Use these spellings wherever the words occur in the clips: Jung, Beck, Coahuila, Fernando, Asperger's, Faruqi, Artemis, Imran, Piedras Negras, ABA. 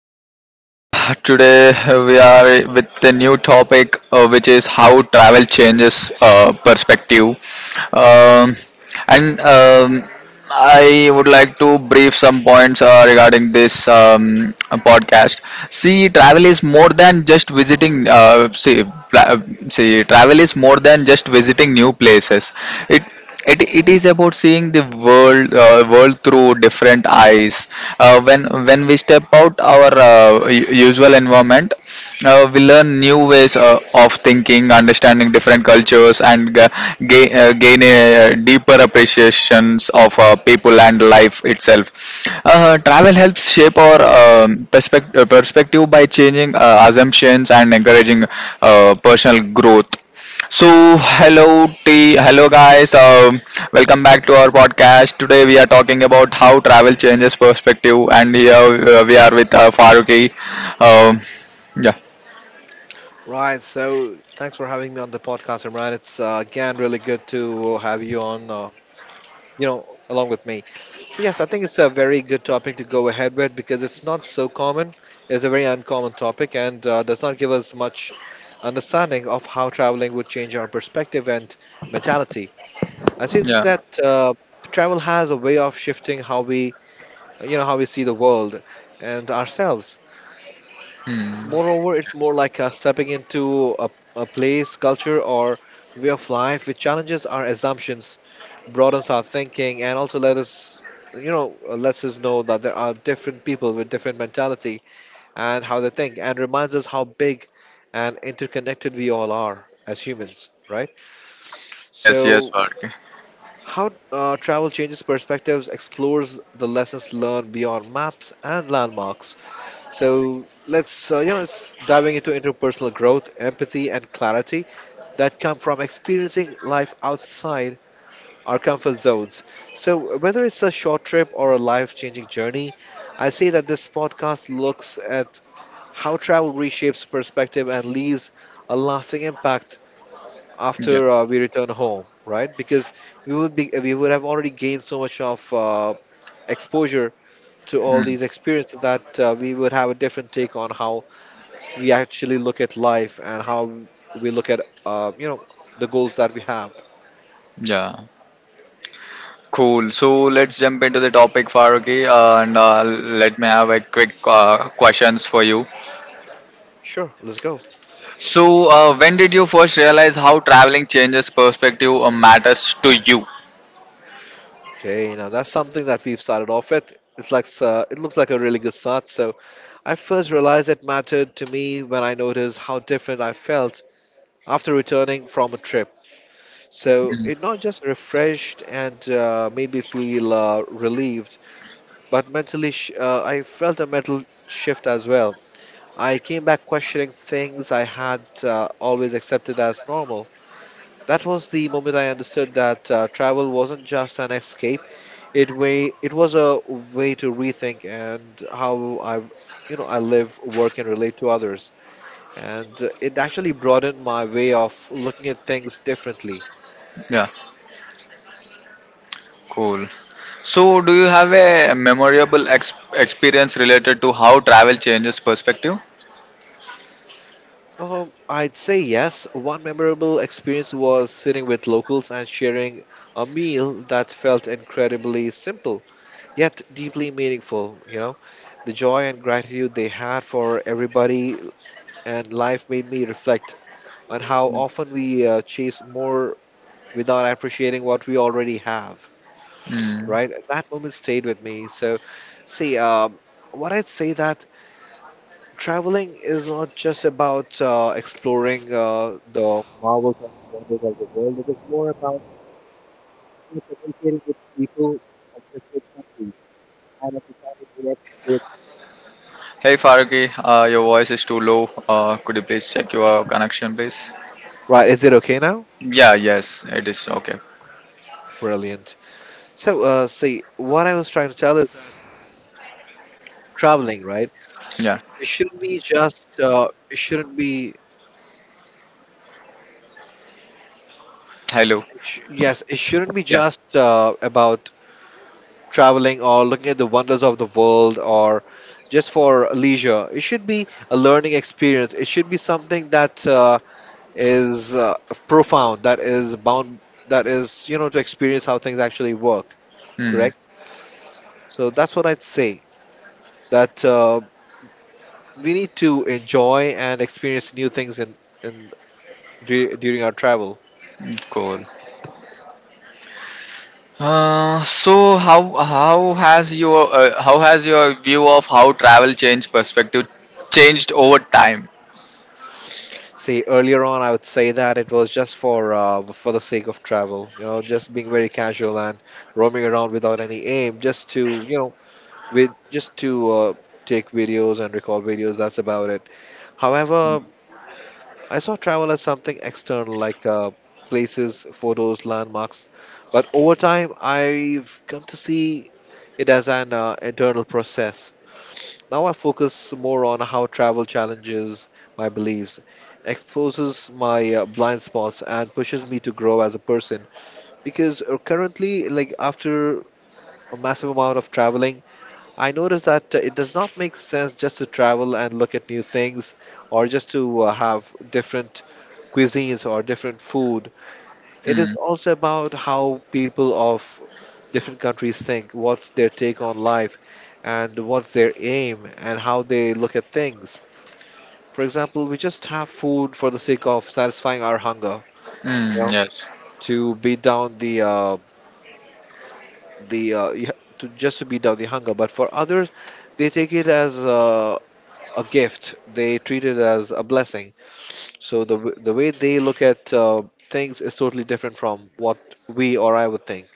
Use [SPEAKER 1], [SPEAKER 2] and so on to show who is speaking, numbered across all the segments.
[SPEAKER 1] good evening. Today we are with a new topic, which is how travel changes perspective. Um, and I would like to brief some points regarding this podcast. See, travel is more than just visiting. See, pla- See, travel is more than just visiting new places. It it is about seeing the world through different eyes. When we step out our usual environment, we learn new ways of thinking, understanding different cultures, and gain a deeper appreciations of people and life itself. Travel helps shape our perspective by changing assumptions and encouraging personal growth. So hello, t- hello guys. Welcome back to our podcast. Today we are talking about how travel changes perspective, and here we are with Faruqi. Um, yeah,
[SPEAKER 2] Right. So thanks for having me on the podcast, Imran. It's again really good to have you on. Along with me. So yes, I think it's a very good topic to go ahead with because it's not so common. It's a very uncommon topic and does not give us much understanding of how traveling would change our perspective and mentality. I see
[SPEAKER 1] yeah,
[SPEAKER 2] that travel has a way of shifting how we see the world and ourselves. Moreover, it's more like stepping into a place, culture, or way of life which challenges our assumptions, broadens our thinking, and also lets us know that there are different people with different mentality and how they think, and reminds us how big and interconnected we all are as humans, right?
[SPEAKER 1] yes, yes,
[SPEAKER 2] So,
[SPEAKER 1] Faruqi.
[SPEAKER 2] how travel changes perspectives, explores the lessons learned beyond maps and landmarks, so let's it's diving into interpersonal growth, empathy, and clarity that come from experiencing life outside our comfort zones. So whether it's a short trip or a life-changing journey, I say that this podcast looks at how travel reshapes perspective and leaves a lasting impact
[SPEAKER 1] Yeah,
[SPEAKER 2] after we return home, right? Because we would have already gained so much of exposure to all
[SPEAKER 1] mm,
[SPEAKER 2] these experiences that we would have a different take on how we actually look at life and how we look at uh, you know the goals that we have.
[SPEAKER 1] yeah. Cool. So let's jump into the topic, Faruqi, and let me have a quick questions for you.
[SPEAKER 2] Sure, let's go.
[SPEAKER 1] So, when did you first realize how traveling changes perspective or matters to you?
[SPEAKER 2] Okay, now that's something that we've started off with. It's like it looks like a really good start. So I first realized it mattered to me when I noticed how different I felt after returning from a trip. So it not just refreshed and made me feel relieved, but I felt a mental shift as well. I came back questioning things I had always accepted as normal. That was the moment I understood that travel wasn't just an escape. It was a way to rethink and how I live, work, and relate to others. And it actually broadened my way of looking at things differently.
[SPEAKER 1] Cool. So, do you have a memorable experience related to how travel changes perspective?
[SPEAKER 2] I'd say yes. One memorable experience was sitting with locals and sharing a meal that felt incredibly simple, yet deeply meaningful. The joy and gratitude they had for everybody and life made me reflect on how often we chase more without appreciating what we already have.
[SPEAKER 1] Hmm.
[SPEAKER 2] Right, that moment stayed with me. So, see, what I'd say that traveling is not just about exploring the marvels and wonders of the world. It is more about communicating with people of different countries and understanding what they.
[SPEAKER 1] Hey, Faruqi, your voice is too low. Could you please check your connection, please?
[SPEAKER 2] Right, is it okay now?
[SPEAKER 1] Yeah, yes, it is okay.
[SPEAKER 2] Brilliant. So, see, what I was trying to tell is that traveling, right?
[SPEAKER 1] Yeah.
[SPEAKER 2] It shouldn't be just. It shouldn't be.
[SPEAKER 1] Hello.
[SPEAKER 2] Yes, it shouldn't be
[SPEAKER 1] Yeah.
[SPEAKER 2] just about traveling or looking at the wonders of the world or just for leisure. It should be a learning experience. It should be something that is profound. That is bound. That is to experience how things actually work.
[SPEAKER 1] Hmm.
[SPEAKER 2] Correct. So that's what I'd say. That we need to enjoy and experience new things in in during our travel.
[SPEAKER 1] Cool. So how has your view of how travel change perspective changed over time?
[SPEAKER 2] See, earlier on, I would say that it was just for for the sake of travel, just being very casual and roaming around without any aim, just to with just to uh, take videos and record videos. That's about it. However, I saw travel as something external, like places, photos, landmarks. But over time, I've come to see it as an internal process. Now I focus more on how travel challenges my beliefs, exposes my blind spots, and pushes me to grow as a person. Because currently, like after a massive amount of traveling, I notice that it does not make sense just to travel and look at new things or just to have different cuisines or different food. It is
[SPEAKER 1] Hmm.
[SPEAKER 2] also about how people of different countries think, what's their take on life, and what's their aim, and how they look at things. For example, we just have food for the sake of satisfying our hunger, you
[SPEAKER 1] Hmm.
[SPEAKER 2] know,
[SPEAKER 1] Yes.
[SPEAKER 2] to beat down the you ha- to just to beat down the hunger. But for others, they take it as a gift. They treat it as a blessing. So the way they look at things is totally different from what we or I would think.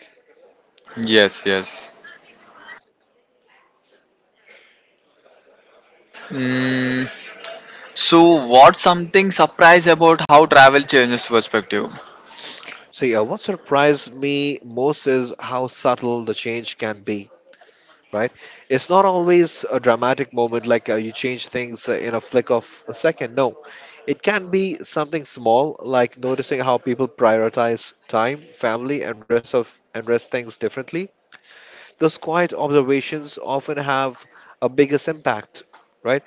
[SPEAKER 1] Yes. Yes. Mm, so, what's something surprise about how travel changes perspective?
[SPEAKER 2] So yeah, what surprised me most is how subtle the change can be, right? It's not always a dramatic moment like you change things in a flick of a second. No, it can be something small like noticing how people prioritize time, family, and rest of and rest things differently. Those quiet observations often have a biggest impact, right?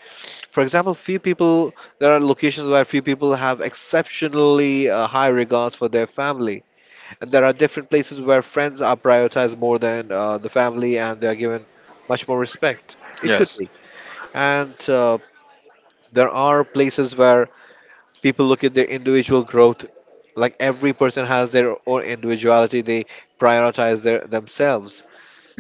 [SPEAKER 2] For example, few people there are locations where few people have exceptionally high regards for their family, and there are different places where friends are prioritized more than the family and they are given much more respect. It could
[SPEAKER 1] Yes.
[SPEAKER 2] be. And there are places where people look at their individual growth. Like every person has their own individuality, they prioritize their themselves.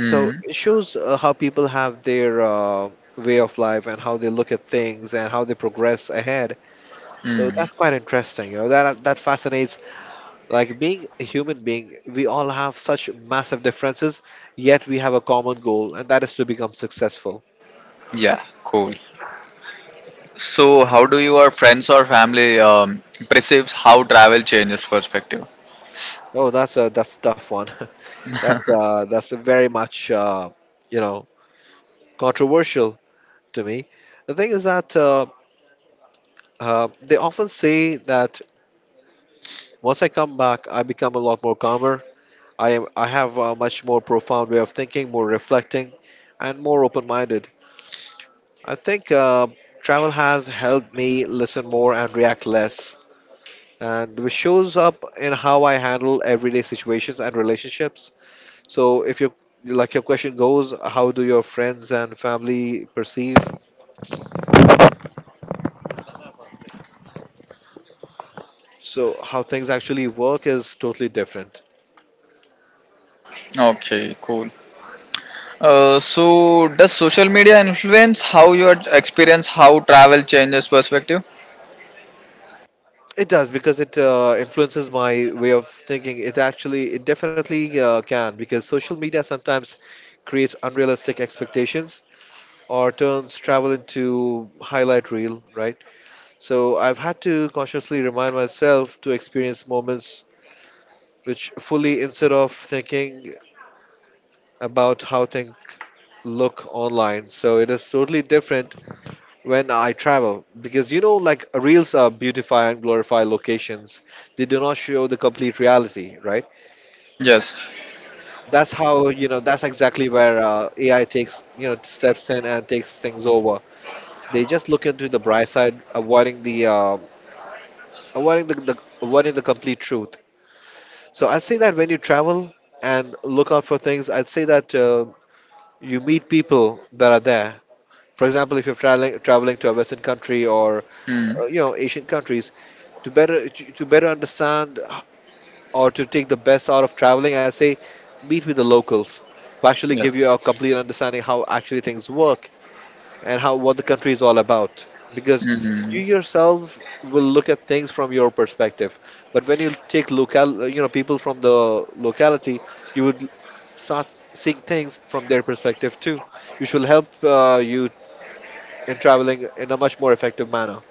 [SPEAKER 2] So it shows how people have their way of life and how they look at things and how they progress ahead. So that's quite interesting. You know that fascinates, like, being a human being, we all have such massive differences, yet we have a common goal, and that is to become successful.
[SPEAKER 1] Yeah. Cool. So, how do your friends or family perceives how travel changes perspective?
[SPEAKER 2] Oh, that's a tough one. That's a very much you know controversial to me. The thing is that they often say that once I come back, I become a lot more calmer. I have a much more profound way of thinking, more reflecting, and more open-minded. I think travel has helped me listen more and react less. And which shows up in how I handle everyday situations and relationships. So if you, like your question goes, how do your friends and family perceive? So how things actually work is totally different.
[SPEAKER 1] Okay. Cool. So, does social media influence how you experience how travel changes perspective?
[SPEAKER 2] It does because it influences my way of thinking. It definitely can, because social media sometimes creates unrealistic expectations or turns travel into highlight reel, right? So I've had to consciously remind myself to experience moments which fully instead of thinking about how things look online. So it is totally different when I travel because like reels are beautify and glorify locations. They do not show the complete reality, right? So
[SPEAKER 1] Yes.
[SPEAKER 2] that's how you know. That's exactly where AI takes steps in and takes things over. They just look into the bright side, avoiding the, the avoiding the complete truth. So I'd say that when you travel and look out for things, I'd say that. You meet people that are there. For example, if you're traveling to a Western country or
[SPEAKER 1] Mm.
[SPEAKER 2] Asian countries, to better to better understand or to take the best out of traveling, I say meet with the locals who actually give
[SPEAKER 1] Yes.
[SPEAKER 2] you a complete understanding how actually things work and how what the country is all about, because
[SPEAKER 1] Hmm.
[SPEAKER 2] you yourself will look at things from your perspective, but when you take local people from the locality you would start seeing things from their perspective too, which will help you in traveling in a much more effective manner.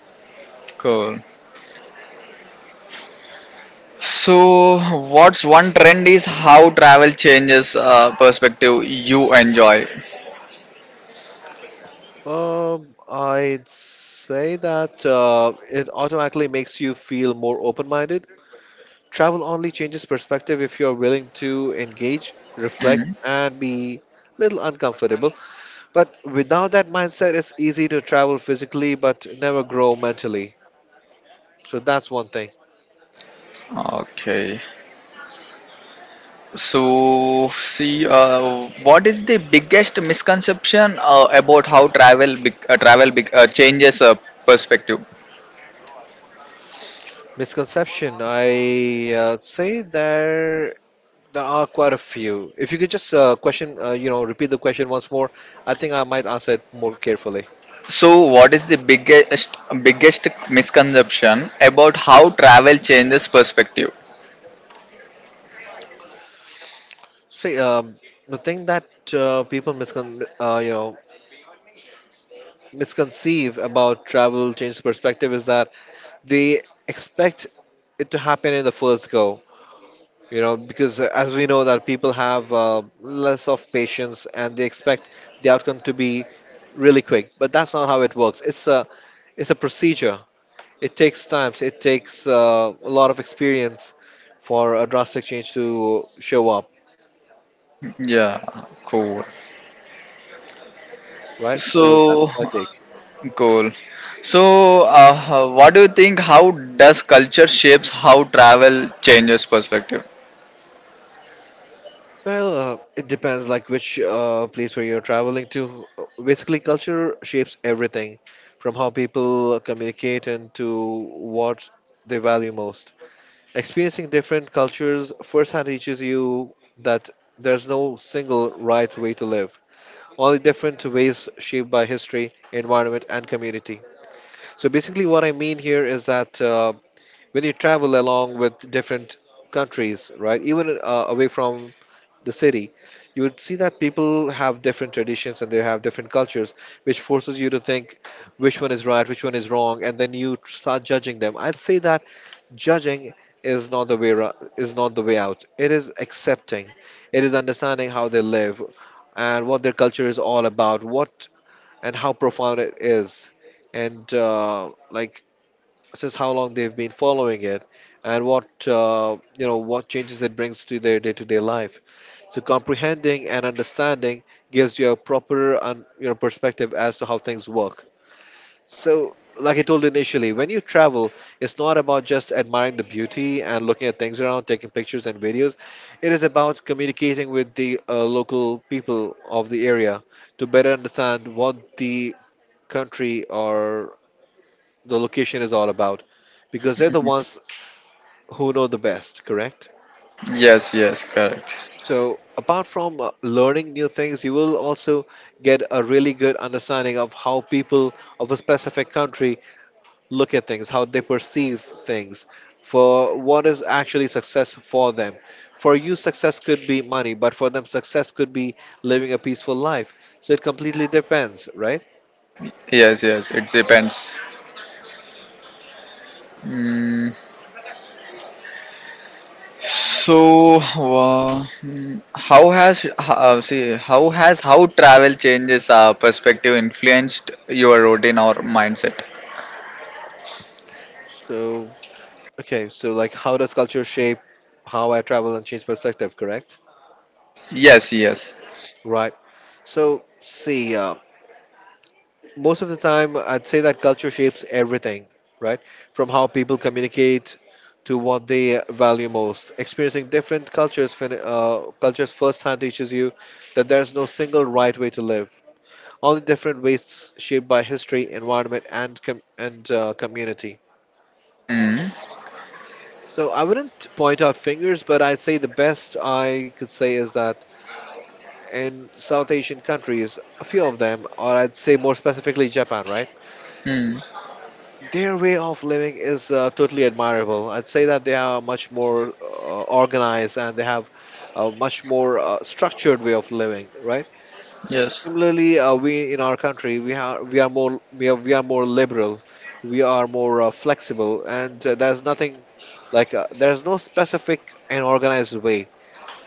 [SPEAKER 1] Cool. So, what's one trend is how travel changes perspective you enjoy?
[SPEAKER 2] I'd say that it automatically makes you feel more open-minded. Travel only changes perspective if you're willing to engage, reflect, and be a little uncomfortable. But without that mindset, it's easy to travel physically but never grow mentally. So that's one thing.
[SPEAKER 1] Okay. So, see, what is the biggest misconception about how travel bec- changes perspective?
[SPEAKER 2] Misconception, I say there are quite a few. If you could just repeat the question once more, I think I might answer it more carefully.
[SPEAKER 1] So, what is the biggest misconception about how travel changes perspective?
[SPEAKER 2] See, the thing that people misconceive about travel change perspective is that they expect it to happen in the first go, because as we know that people have less of patience and they expect the outcome to be really quick, but that's not how it works. It's a procedure. It takes times. It takes a lot of experience for a drastic change to show up.
[SPEAKER 1] Yeah, cool.
[SPEAKER 2] Right, so that's
[SPEAKER 1] So,
[SPEAKER 2] my take.
[SPEAKER 1] cool. So, what do you think? How does culture shapes how travel changes perspective?
[SPEAKER 2] Well, it depends, like which place where you're traveling to. Basically culture shapes everything, from how people communicate and to what they value most. Experiencing different cultures firsthand teaches you that there's no single right way to live, only different ways shaped by history, environment, and community. So basically, what I mean here is that when you travel along with different countries, right, even away from the city, you would see that people have different traditions and they have different cultures, which forces you to think which one is right, which one is wrong, and then you start judging them. I'd say that judging is not the way is not the way out. It is accepting, it is understanding how they live and what their culture is all about, what and how profound it is, and like, since how long they've been following it, and what what changes it brings to their day-to-day life. So comprehending and understanding gives you a proper you know, perspective as to how things work. So, like I told initially, when you travel, it's not about just admiring the beauty and looking at things around, taking pictures and videos. It is about communicating with the local people of the area to better understand what the country or the location is all about, because they're the ones who know the best, correct?
[SPEAKER 1] Yes, yes, correct.
[SPEAKER 2] So, apart from learning new things, you will also get a really good understanding of how people of a specific country look at things, how they perceive things, for what is actually success for them. For you, success could be money, but for them, success could be living a peaceful life. So it completely depends, right?
[SPEAKER 1] Yes, yes, it depends. Mm, so, how has how travel changes our perspective influenced your routine or mindset?
[SPEAKER 2] So, okay, so like how does culture shape how I travel and change perspective, correct?
[SPEAKER 1] Yes, yes.
[SPEAKER 2] Right. So, see, most of the time I'd say that culture shapes everything, right, from how people communicate to what they value most. Experiencing different cultures firsthand teaches you that there's no single right way to live, only different ways shaped by history, environment, and community.
[SPEAKER 1] Mm,
[SPEAKER 2] So I wouldn't point out fingers, but I'd say the best I could say is that in South Asian countries, a few of them, or I'd say more specifically Japan, right?
[SPEAKER 1] mm,
[SPEAKER 2] Their way of living is totally admirable. I'd say that they are much more organized and they have a much more structured way of living, right?
[SPEAKER 1] yes.
[SPEAKER 2] Similarly, we in our country, we are more liberal, we are more flexible, and there's nothing like there's no specific and organized way,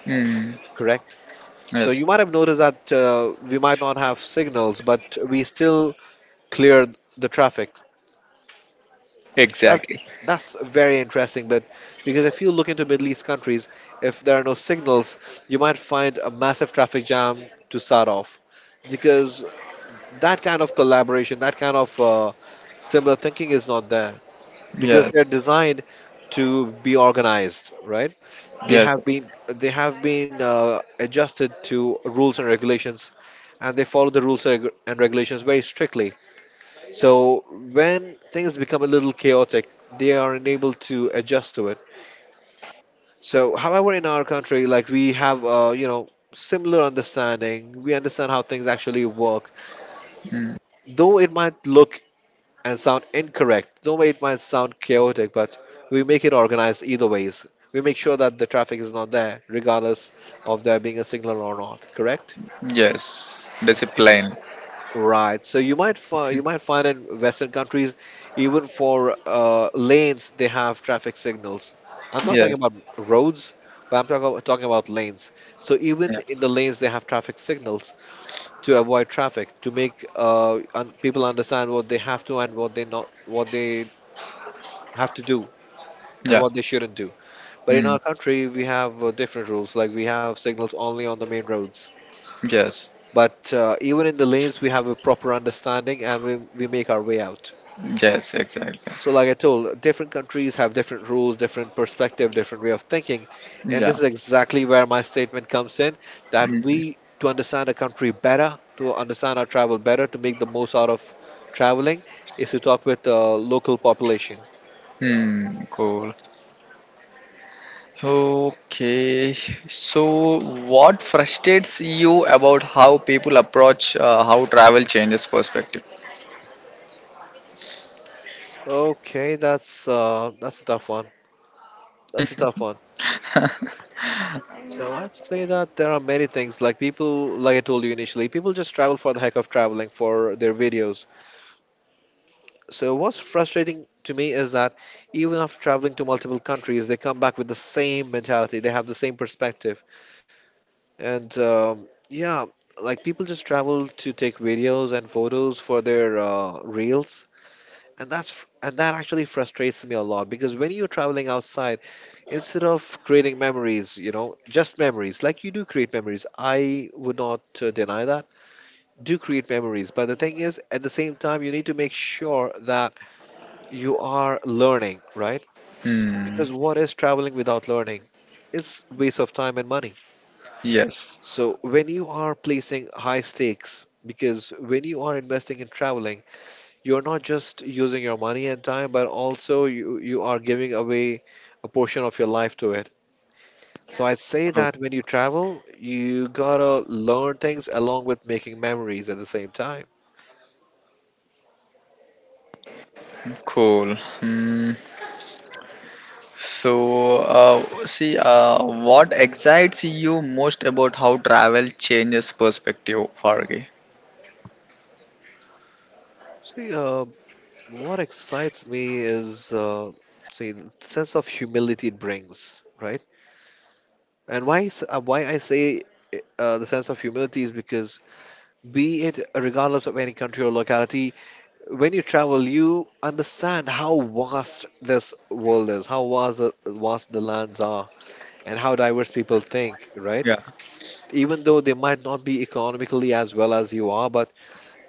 [SPEAKER 1] Mm,
[SPEAKER 2] correct? So you
[SPEAKER 1] yes.
[SPEAKER 2] might have noticed that we might not have signals, but we still clear the traffic. That's
[SPEAKER 1] Exactly.
[SPEAKER 2] that's very interesting, but because if you look into Middle East countries, if there are no signals, you might find a massive traffic jam to start off, because that kind of collaboration, that kind of similar thinking is not there, because they're
[SPEAKER 1] Yes.
[SPEAKER 2] designed to be organized, right? They
[SPEAKER 1] Yes.
[SPEAKER 2] have been they have been adjusted to rules and regulations, and they follow the rules and regulations very strictly. So when things become a little chaotic, they are unable to adjust to it. So, however, in our country, like we have, similar understanding. We understand how things actually work,
[SPEAKER 1] Mm,
[SPEAKER 2] though it might look and sound incorrect. Though it might sound chaotic, but we make it organized either ways. We make sure that the traffic is not there, regardless of there being a signal or not. Correct?
[SPEAKER 1] yes. Discipline.
[SPEAKER 2] Right. So you might find in Western countries, even for lanes, they have traffic signals. I'm not talking
[SPEAKER 1] Yes.
[SPEAKER 2] about roads, but I'm talking about lanes. So even
[SPEAKER 1] Yeah.
[SPEAKER 2] in the lanes, they have traffic signals to avoid traffic, to make un people understand what they have to and what they not what they have to do and
[SPEAKER 1] Yeah.
[SPEAKER 2] what they shouldn't do. But in
[SPEAKER 1] Mm,
[SPEAKER 2] our country, we have different rules. Like we have signals only on the main roads.
[SPEAKER 1] yes.
[SPEAKER 2] But even in the lanes, we have a proper understanding and we make our way out.
[SPEAKER 1] Yes. Exactly.
[SPEAKER 2] So, like I told, different countries have different rules, different perspective, different way of thinking. And this
[SPEAKER 1] Yeah.
[SPEAKER 2] is exactly where my statement comes in, that we, to understand a country better, to understand our travel better, to make the most out of traveling, is to talk with the local population.
[SPEAKER 1] Hmm. Cool. Okay, so what frustrates you about how people approach, how travel changes perspective?
[SPEAKER 2] Okay, that's a tough one. That's a tough one. So I'd say that there are many things, like people, like I told you initially, people just travel for the heck of traveling for their videos. So what's frustrating to me is that even after traveling to multiple countries, they come back with the same mentality. They have the same perspective, and yeah, like people just travel to take videos and photos for their reels, and that actually frustrates me a lot, because when you're traveling outside, instead of creating memories, you know, just memories, like you do create memories. I would not deny that. Do create memories, but the thing is, at the same time, you need to make sure that you are learning, right?
[SPEAKER 1] Hmm.
[SPEAKER 2] Because what is traveling without learning? It's waste of time and money.
[SPEAKER 1] Yes.
[SPEAKER 2] So when you are placing high stakes, because when you are investing in traveling, you're not just using your money and time, but also you are giving away a portion of your life to it. So I'd say
[SPEAKER 1] Cool.
[SPEAKER 2] that when you travel, you gotta learn things along with making memories at the same time.
[SPEAKER 1] Cool. Hmm. So, what excites you most about how travel changes perspective, Farge?
[SPEAKER 2] So yeah, what excites me is, say, the sense of humility it brings, right? And why I say the sense of humility is because, be it regardless of any country or locality, when you travel, you understand how vast this world is, how vast the lands are, and how diverse people think, right?
[SPEAKER 1] Yeah.
[SPEAKER 2] Even though they might not be economically as well as you are, but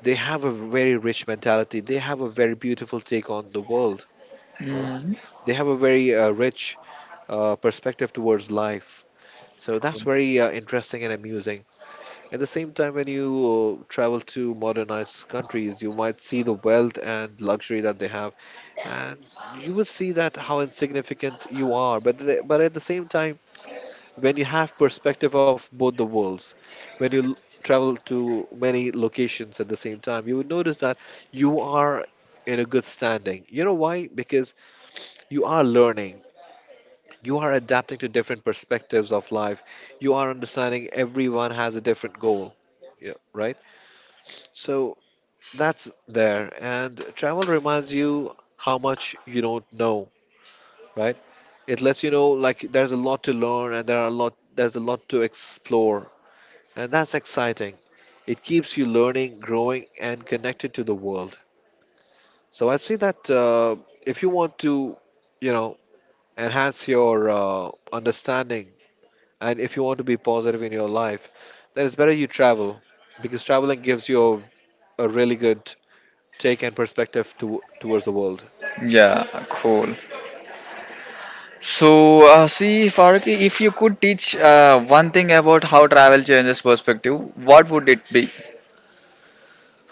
[SPEAKER 2] they have a very rich mentality. They have a very beautiful take on the world.
[SPEAKER 1] Hmm.
[SPEAKER 2] They have a very rich perspective towards life. So that's
[SPEAKER 1] Cool.
[SPEAKER 2] very interesting and amusing. At the same time, when you travel to modernized countries, you might see the wealth and luxury that they have, and you will see that how insignificant you are. But at the same time, when you have perspective of both the worlds, when you travel to many locations at the same time, you would notice that you are in a good standing. You know why? Because you are learning, you are adapting to different perspectives of life, you are understanding everyone has a different goal, yeah, right. So that's there, and travel reminds you how much you don't know, right. It lets you know, like there's a lot to learn, and there's a lot to explore, and that's exciting. It keeps you learning, growing, and connected to the world. So I see that if you want to you know enhance your understanding, and if you want to be positive in your life, then it's better you travel, because traveling gives you a really good take and perspective towards the world.
[SPEAKER 1] Yeah, cool. So, Farooq, if you could teach one thing about how travel changes perspective, what would it be?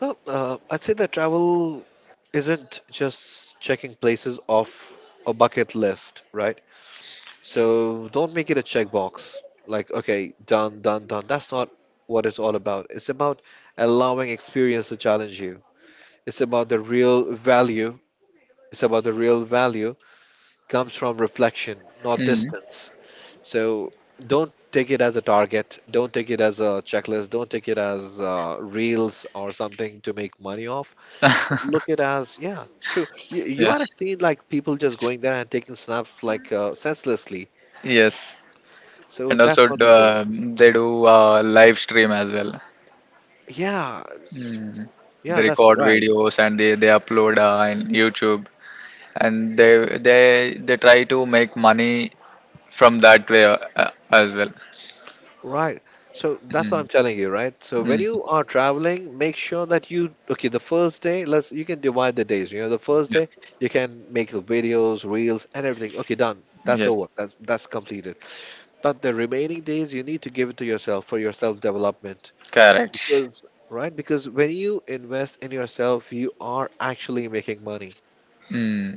[SPEAKER 2] Well, I'd say that travel isn't just checking places off a bucket list, right? So don't make it a checkbox. Like, okay, done, done, done. That's not what it's all about. It's about allowing experience to challenge you. It's about the real value. It's about the real value comes from reflection, not
[SPEAKER 1] Mm.
[SPEAKER 2] distance. So don't take it as a target. Don't take it as a checklist. Don't take it as reels or something to make money off. Look it as, yeah, true. You
[SPEAKER 1] Yeah.
[SPEAKER 2] might have seen like people just going there and taking snaps like senselessly.
[SPEAKER 1] Yes.
[SPEAKER 2] So
[SPEAKER 1] And
[SPEAKER 2] that's
[SPEAKER 1] also,
[SPEAKER 2] not the goal.
[SPEAKER 1] they do live stream as well.
[SPEAKER 2] Yeah,
[SPEAKER 1] Mm.
[SPEAKER 2] yeah,
[SPEAKER 1] They
[SPEAKER 2] that's
[SPEAKER 1] record
[SPEAKER 2] right.
[SPEAKER 1] videos and they upload, in YouTube, and they try to make money from that way, uh, as well.
[SPEAKER 2] Right. So that's what I'm
[SPEAKER 1] Mm.
[SPEAKER 2] telling you, right? So when
[SPEAKER 1] Mm.
[SPEAKER 2] you are traveling, make sure that you okay, the first day, let's you can divide the days. You know, the first
[SPEAKER 1] Yeah.
[SPEAKER 2] day you can make the videos, reels, and everything. Okay, done. That's over.
[SPEAKER 1] Yes.
[SPEAKER 2] That's that's completed. But the remaining days you need to give it to yourself for your self-development.
[SPEAKER 1] Correct.
[SPEAKER 2] Because, right? Because when you invest in yourself, you are actually making money.
[SPEAKER 1] Mm.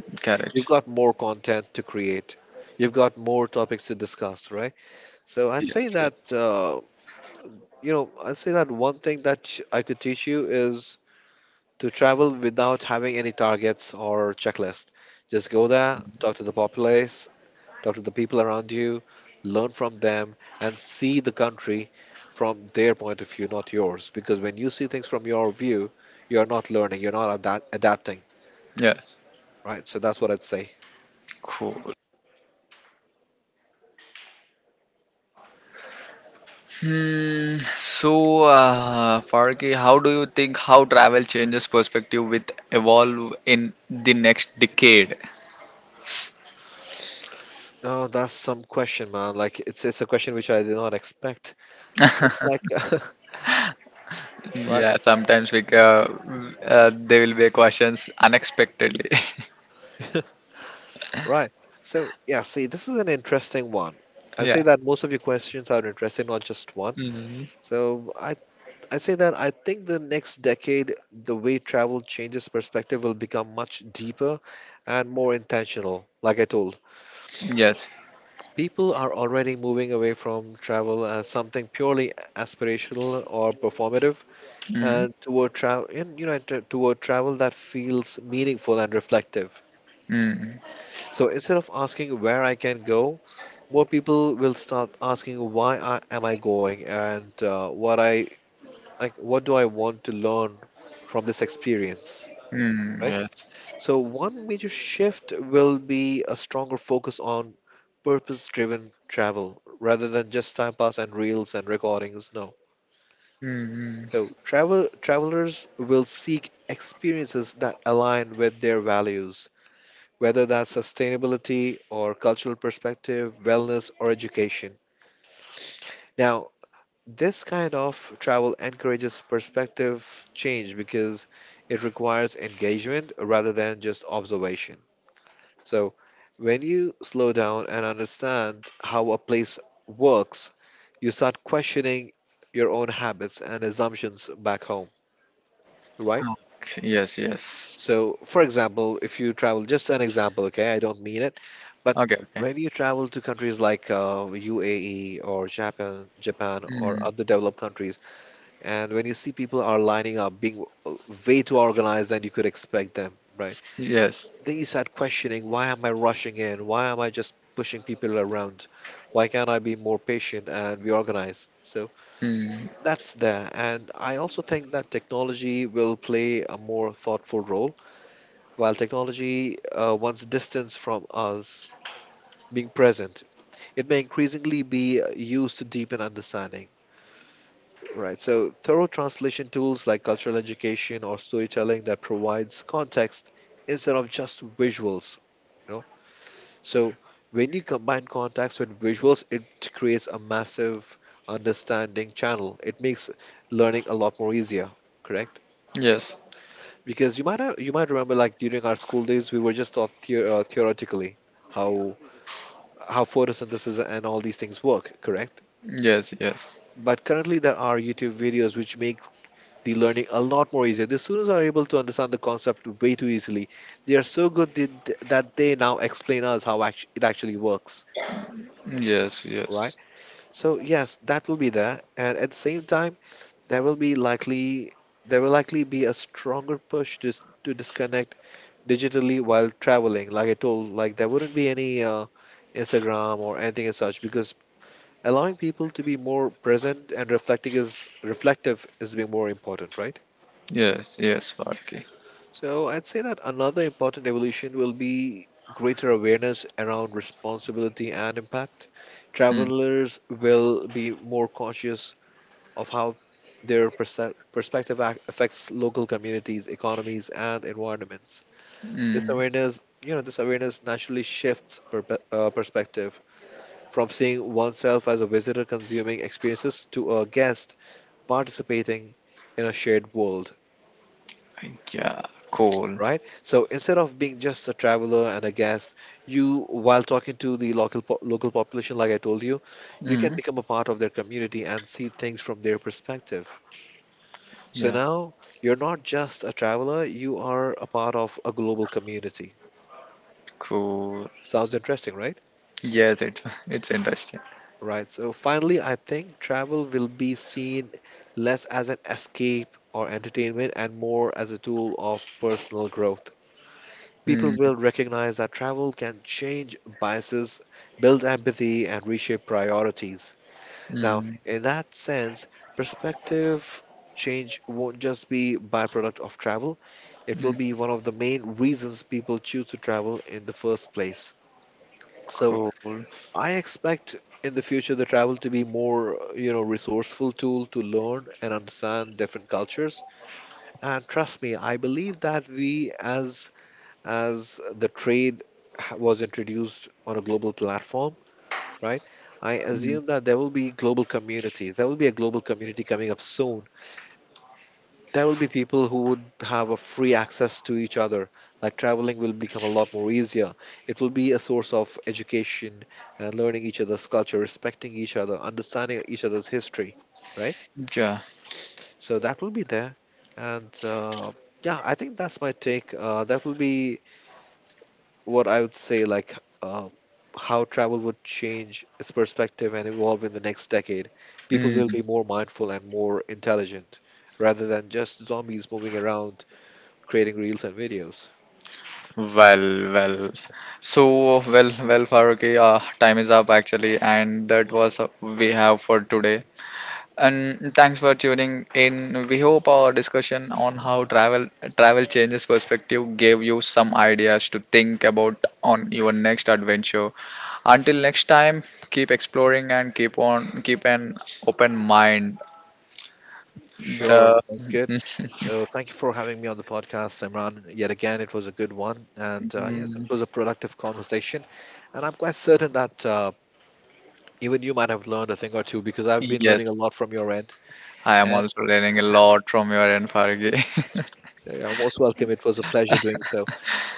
[SPEAKER 2] You've
[SPEAKER 1] Correct.
[SPEAKER 2] got more content to create. You've got more topics to discuss, right? So I'd say
[SPEAKER 1] Yes.
[SPEAKER 2] that
[SPEAKER 1] Yes.
[SPEAKER 2] you know, I'd say that one thing that I could teach you is to travel without having any targets or checklist. Just go there, talk to the populace, talk to the people around you, learn from them, and see the country from their point of view, not yours. Because when you see things from your view, you're not learning, you're not adapting,
[SPEAKER 1] Yes.
[SPEAKER 2] right? So that's what I'd say.
[SPEAKER 1] Cool. Hmm. So, Farki, how do you think how travel changes perspective with evolve in the next decade?
[SPEAKER 2] No, that's some question, man. Like it's a question which I did not expect. Looks like, right?
[SPEAKER 1] Yeah, sometimes we there will be questions unexpectedly.
[SPEAKER 2] Right. So, yeah, see, this is an interesting one. I
[SPEAKER 1] Yeah.
[SPEAKER 2] say that most of your questions are interesting, not just one.
[SPEAKER 1] Mhm.
[SPEAKER 2] So, I say that I think the next decade, the way travel changes perspective will become much deeper and more intentional. Like I told,
[SPEAKER 1] Yes.
[SPEAKER 2] people are already moving away from travel as something purely aspirational or performative,
[SPEAKER 1] Mm.
[SPEAKER 2] and toward travel, toward travel that feels meaningful and reflective. So, instead of asking where I can go, what people will start asking, why I, am I going, and what I like, what do I want to learn from this experience,
[SPEAKER 1] Mm.
[SPEAKER 2] right?
[SPEAKER 1] Yes.
[SPEAKER 2] So one major shift will be a stronger focus on purpose-driven travel rather than just time pass and reels and recordings. No,
[SPEAKER 1] Mm.
[SPEAKER 2] so travelers will seek experiences that align with their values, whether that's sustainability or cultural perspective, wellness or education. Now, this kind of travel encourages perspective change because it requires engagement rather than just observation. So, when you slow down and understand how a place works, you start questioning your own habits and assumptions back home, right?
[SPEAKER 1] Yes. Yes.
[SPEAKER 2] So, for example, if you travel, just an example, okay, I don't mean it, but
[SPEAKER 1] Okay. Okay.
[SPEAKER 2] when you travel to countries like UAE or Japan, or
[SPEAKER 1] Mm.
[SPEAKER 2] other developed countries, and when you see people are lining up, being way too organized than you could expect them, right?
[SPEAKER 1] Yes.
[SPEAKER 2] Then you start questioning, why am I rushing in? Why am I just pushing people around? Why can't I be more patient and be organized? So
[SPEAKER 1] Mm.
[SPEAKER 2] that's there. And I also think that technology will play a more thoughtful role. While technology, once distanced from us, being present, it may increasingly be used to deepen understanding. Right. So thorough translation tools like cultural education or storytelling that provides context instead of just visuals. You know? So when you combine context with visuals, it creates a massive understanding channel. It makes learning a lot more easier, correct?
[SPEAKER 1] Yes.
[SPEAKER 2] Because you might have, you might remember like during our school days we were just taught theoretically how how photosynthesis and all these things work, correct?
[SPEAKER 1] Yes. Yes.
[SPEAKER 2] But currently there are YouTube videos which make the learning a lot more easier. The students are able to understand the concept way too easily. They are so good that they now explain us how it actually works,
[SPEAKER 1] Yes.
[SPEAKER 2] right?
[SPEAKER 1] Yes.
[SPEAKER 2] So yes, that will be there, and at the same time, there will be likely there will likely be a stronger push to to disconnect digitally while traveling. Like I told, like there wouldn't be any Instagram or anything as such because allowing people to be more present and reflecting is reflective is being more important, right?
[SPEAKER 1] Yes. Yes. Farki.
[SPEAKER 2] So I'd say that another important evolution will be greater awareness around responsibility and impact.
[SPEAKER 1] Mm.
[SPEAKER 2] Travelers will be more conscious of how their perspective affects local communities, economies, and environments.
[SPEAKER 1] Mm.
[SPEAKER 2] This awareness naturally shifts perpe perspective from seeing oneself as a visitor consuming experiences to a guest participating in a shared world,
[SPEAKER 1] Yeah. Cool.
[SPEAKER 2] right? So instead of being just a traveler and a guest, you, while talking to the local population, like I told you, you can
[SPEAKER 1] Mm.
[SPEAKER 2] become a part of their community and see things from their perspective. So
[SPEAKER 1] Yeah.
[SPEAKER 2] now you're not just a traveler; you are a part of a global community.
[SPEAKER 1] Cool.
[SPEAKER 2] Sounds interesting, right?
[SPEAKER 1] Yes, it it's interesting.
[SPEAKER 2] Right. So finally, I think travel will be seen less as an escape or entertainment and more as a tool of personal growth. People will
[SPEAKER 1] Mm.
[SPEAKER 2] recognize that travel can change biases, build empathy, and reshape priorities. Now,
[SPEAKER 1] Mm.
[SPEAKER 2] in that sense, perspective change won't just be byproduct of travel, it will be one of the main reasons people choose to travel in the first place. So
[SPEAKER 1] Cool.
[SPEAKER 2] I expect in the future the travel to be more, you know, resourceful tool to learn and understand different cultures. And trust me, I believe that we as the trade was introduced on a global platform, right? I
[SPEAKER 1] Mm.
[SPEAKER 2] assume that there will be global communities. There will be a global community coming up soon. There will be people who would have a free access to each other. Like traveling will become a lot more easier. It will be a source of education and learning each other's culture, respecting each other, understanding each other's history, right?
[SPEAKER 1] Yeah.
[SPEAKER 2] So that will be there. And yeah, I think that's my take. That will be what I would say, like how travel would change its perspective and evolve in the next decade. People
[SPEAKER 1] Mm.
[SPEAKER 2] will be more mindful and more intelligent rather than just zombies moving around creating reels and videos.
[SPEAKER 1] Well, well. So, well, well, Faruqi, time is up actually, and that was we have for today. And thanks for tuning in. We hope our discussion on how travel changes perspective gave you some ideas to think about on your next adventure. Until next time, keep exploring and keep an open mind.
[SPEAKER 2] Sure,
[SPEAKER 1] The
[SPEAKER 2] sounds good. So, thank you for having me on the podcast, Imran. Yet again, it was a good one. And yes, it
[SPEAKER 1] mm,
[SPEAKER 2] was a productive conversation. And I'm quite certain that even you might have learned a thing or two because I've been learning a
[SPEAKER 1] yes,
[SPEAKER 2] lot from your end.
[SPEAKER 1] I am
[SPEAKER 2] And
[SPEAKER 1] also learning a lot from your end, Fargi.
[SPEAKER 2] yeah, you're most welcome. It was a pleasure doing so.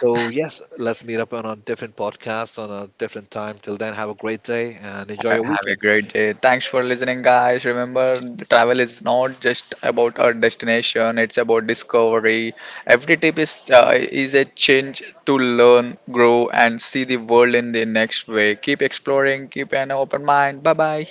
[SPEAKER 2] So, yes, let's meet up on a different podcast on a different time. Till then, have a great day and enjoy your
[SPEAKER 1] Have a
[SPEAKER 2] weekend.
[SPEAKER 1] great day. Thanks for listening, guys. Remember, travel is not just about our destination; it's about discovery. Every trip is a change to learn, grow, and see the world in the next way. Keep exploring. Keep an open mind. Bye bye.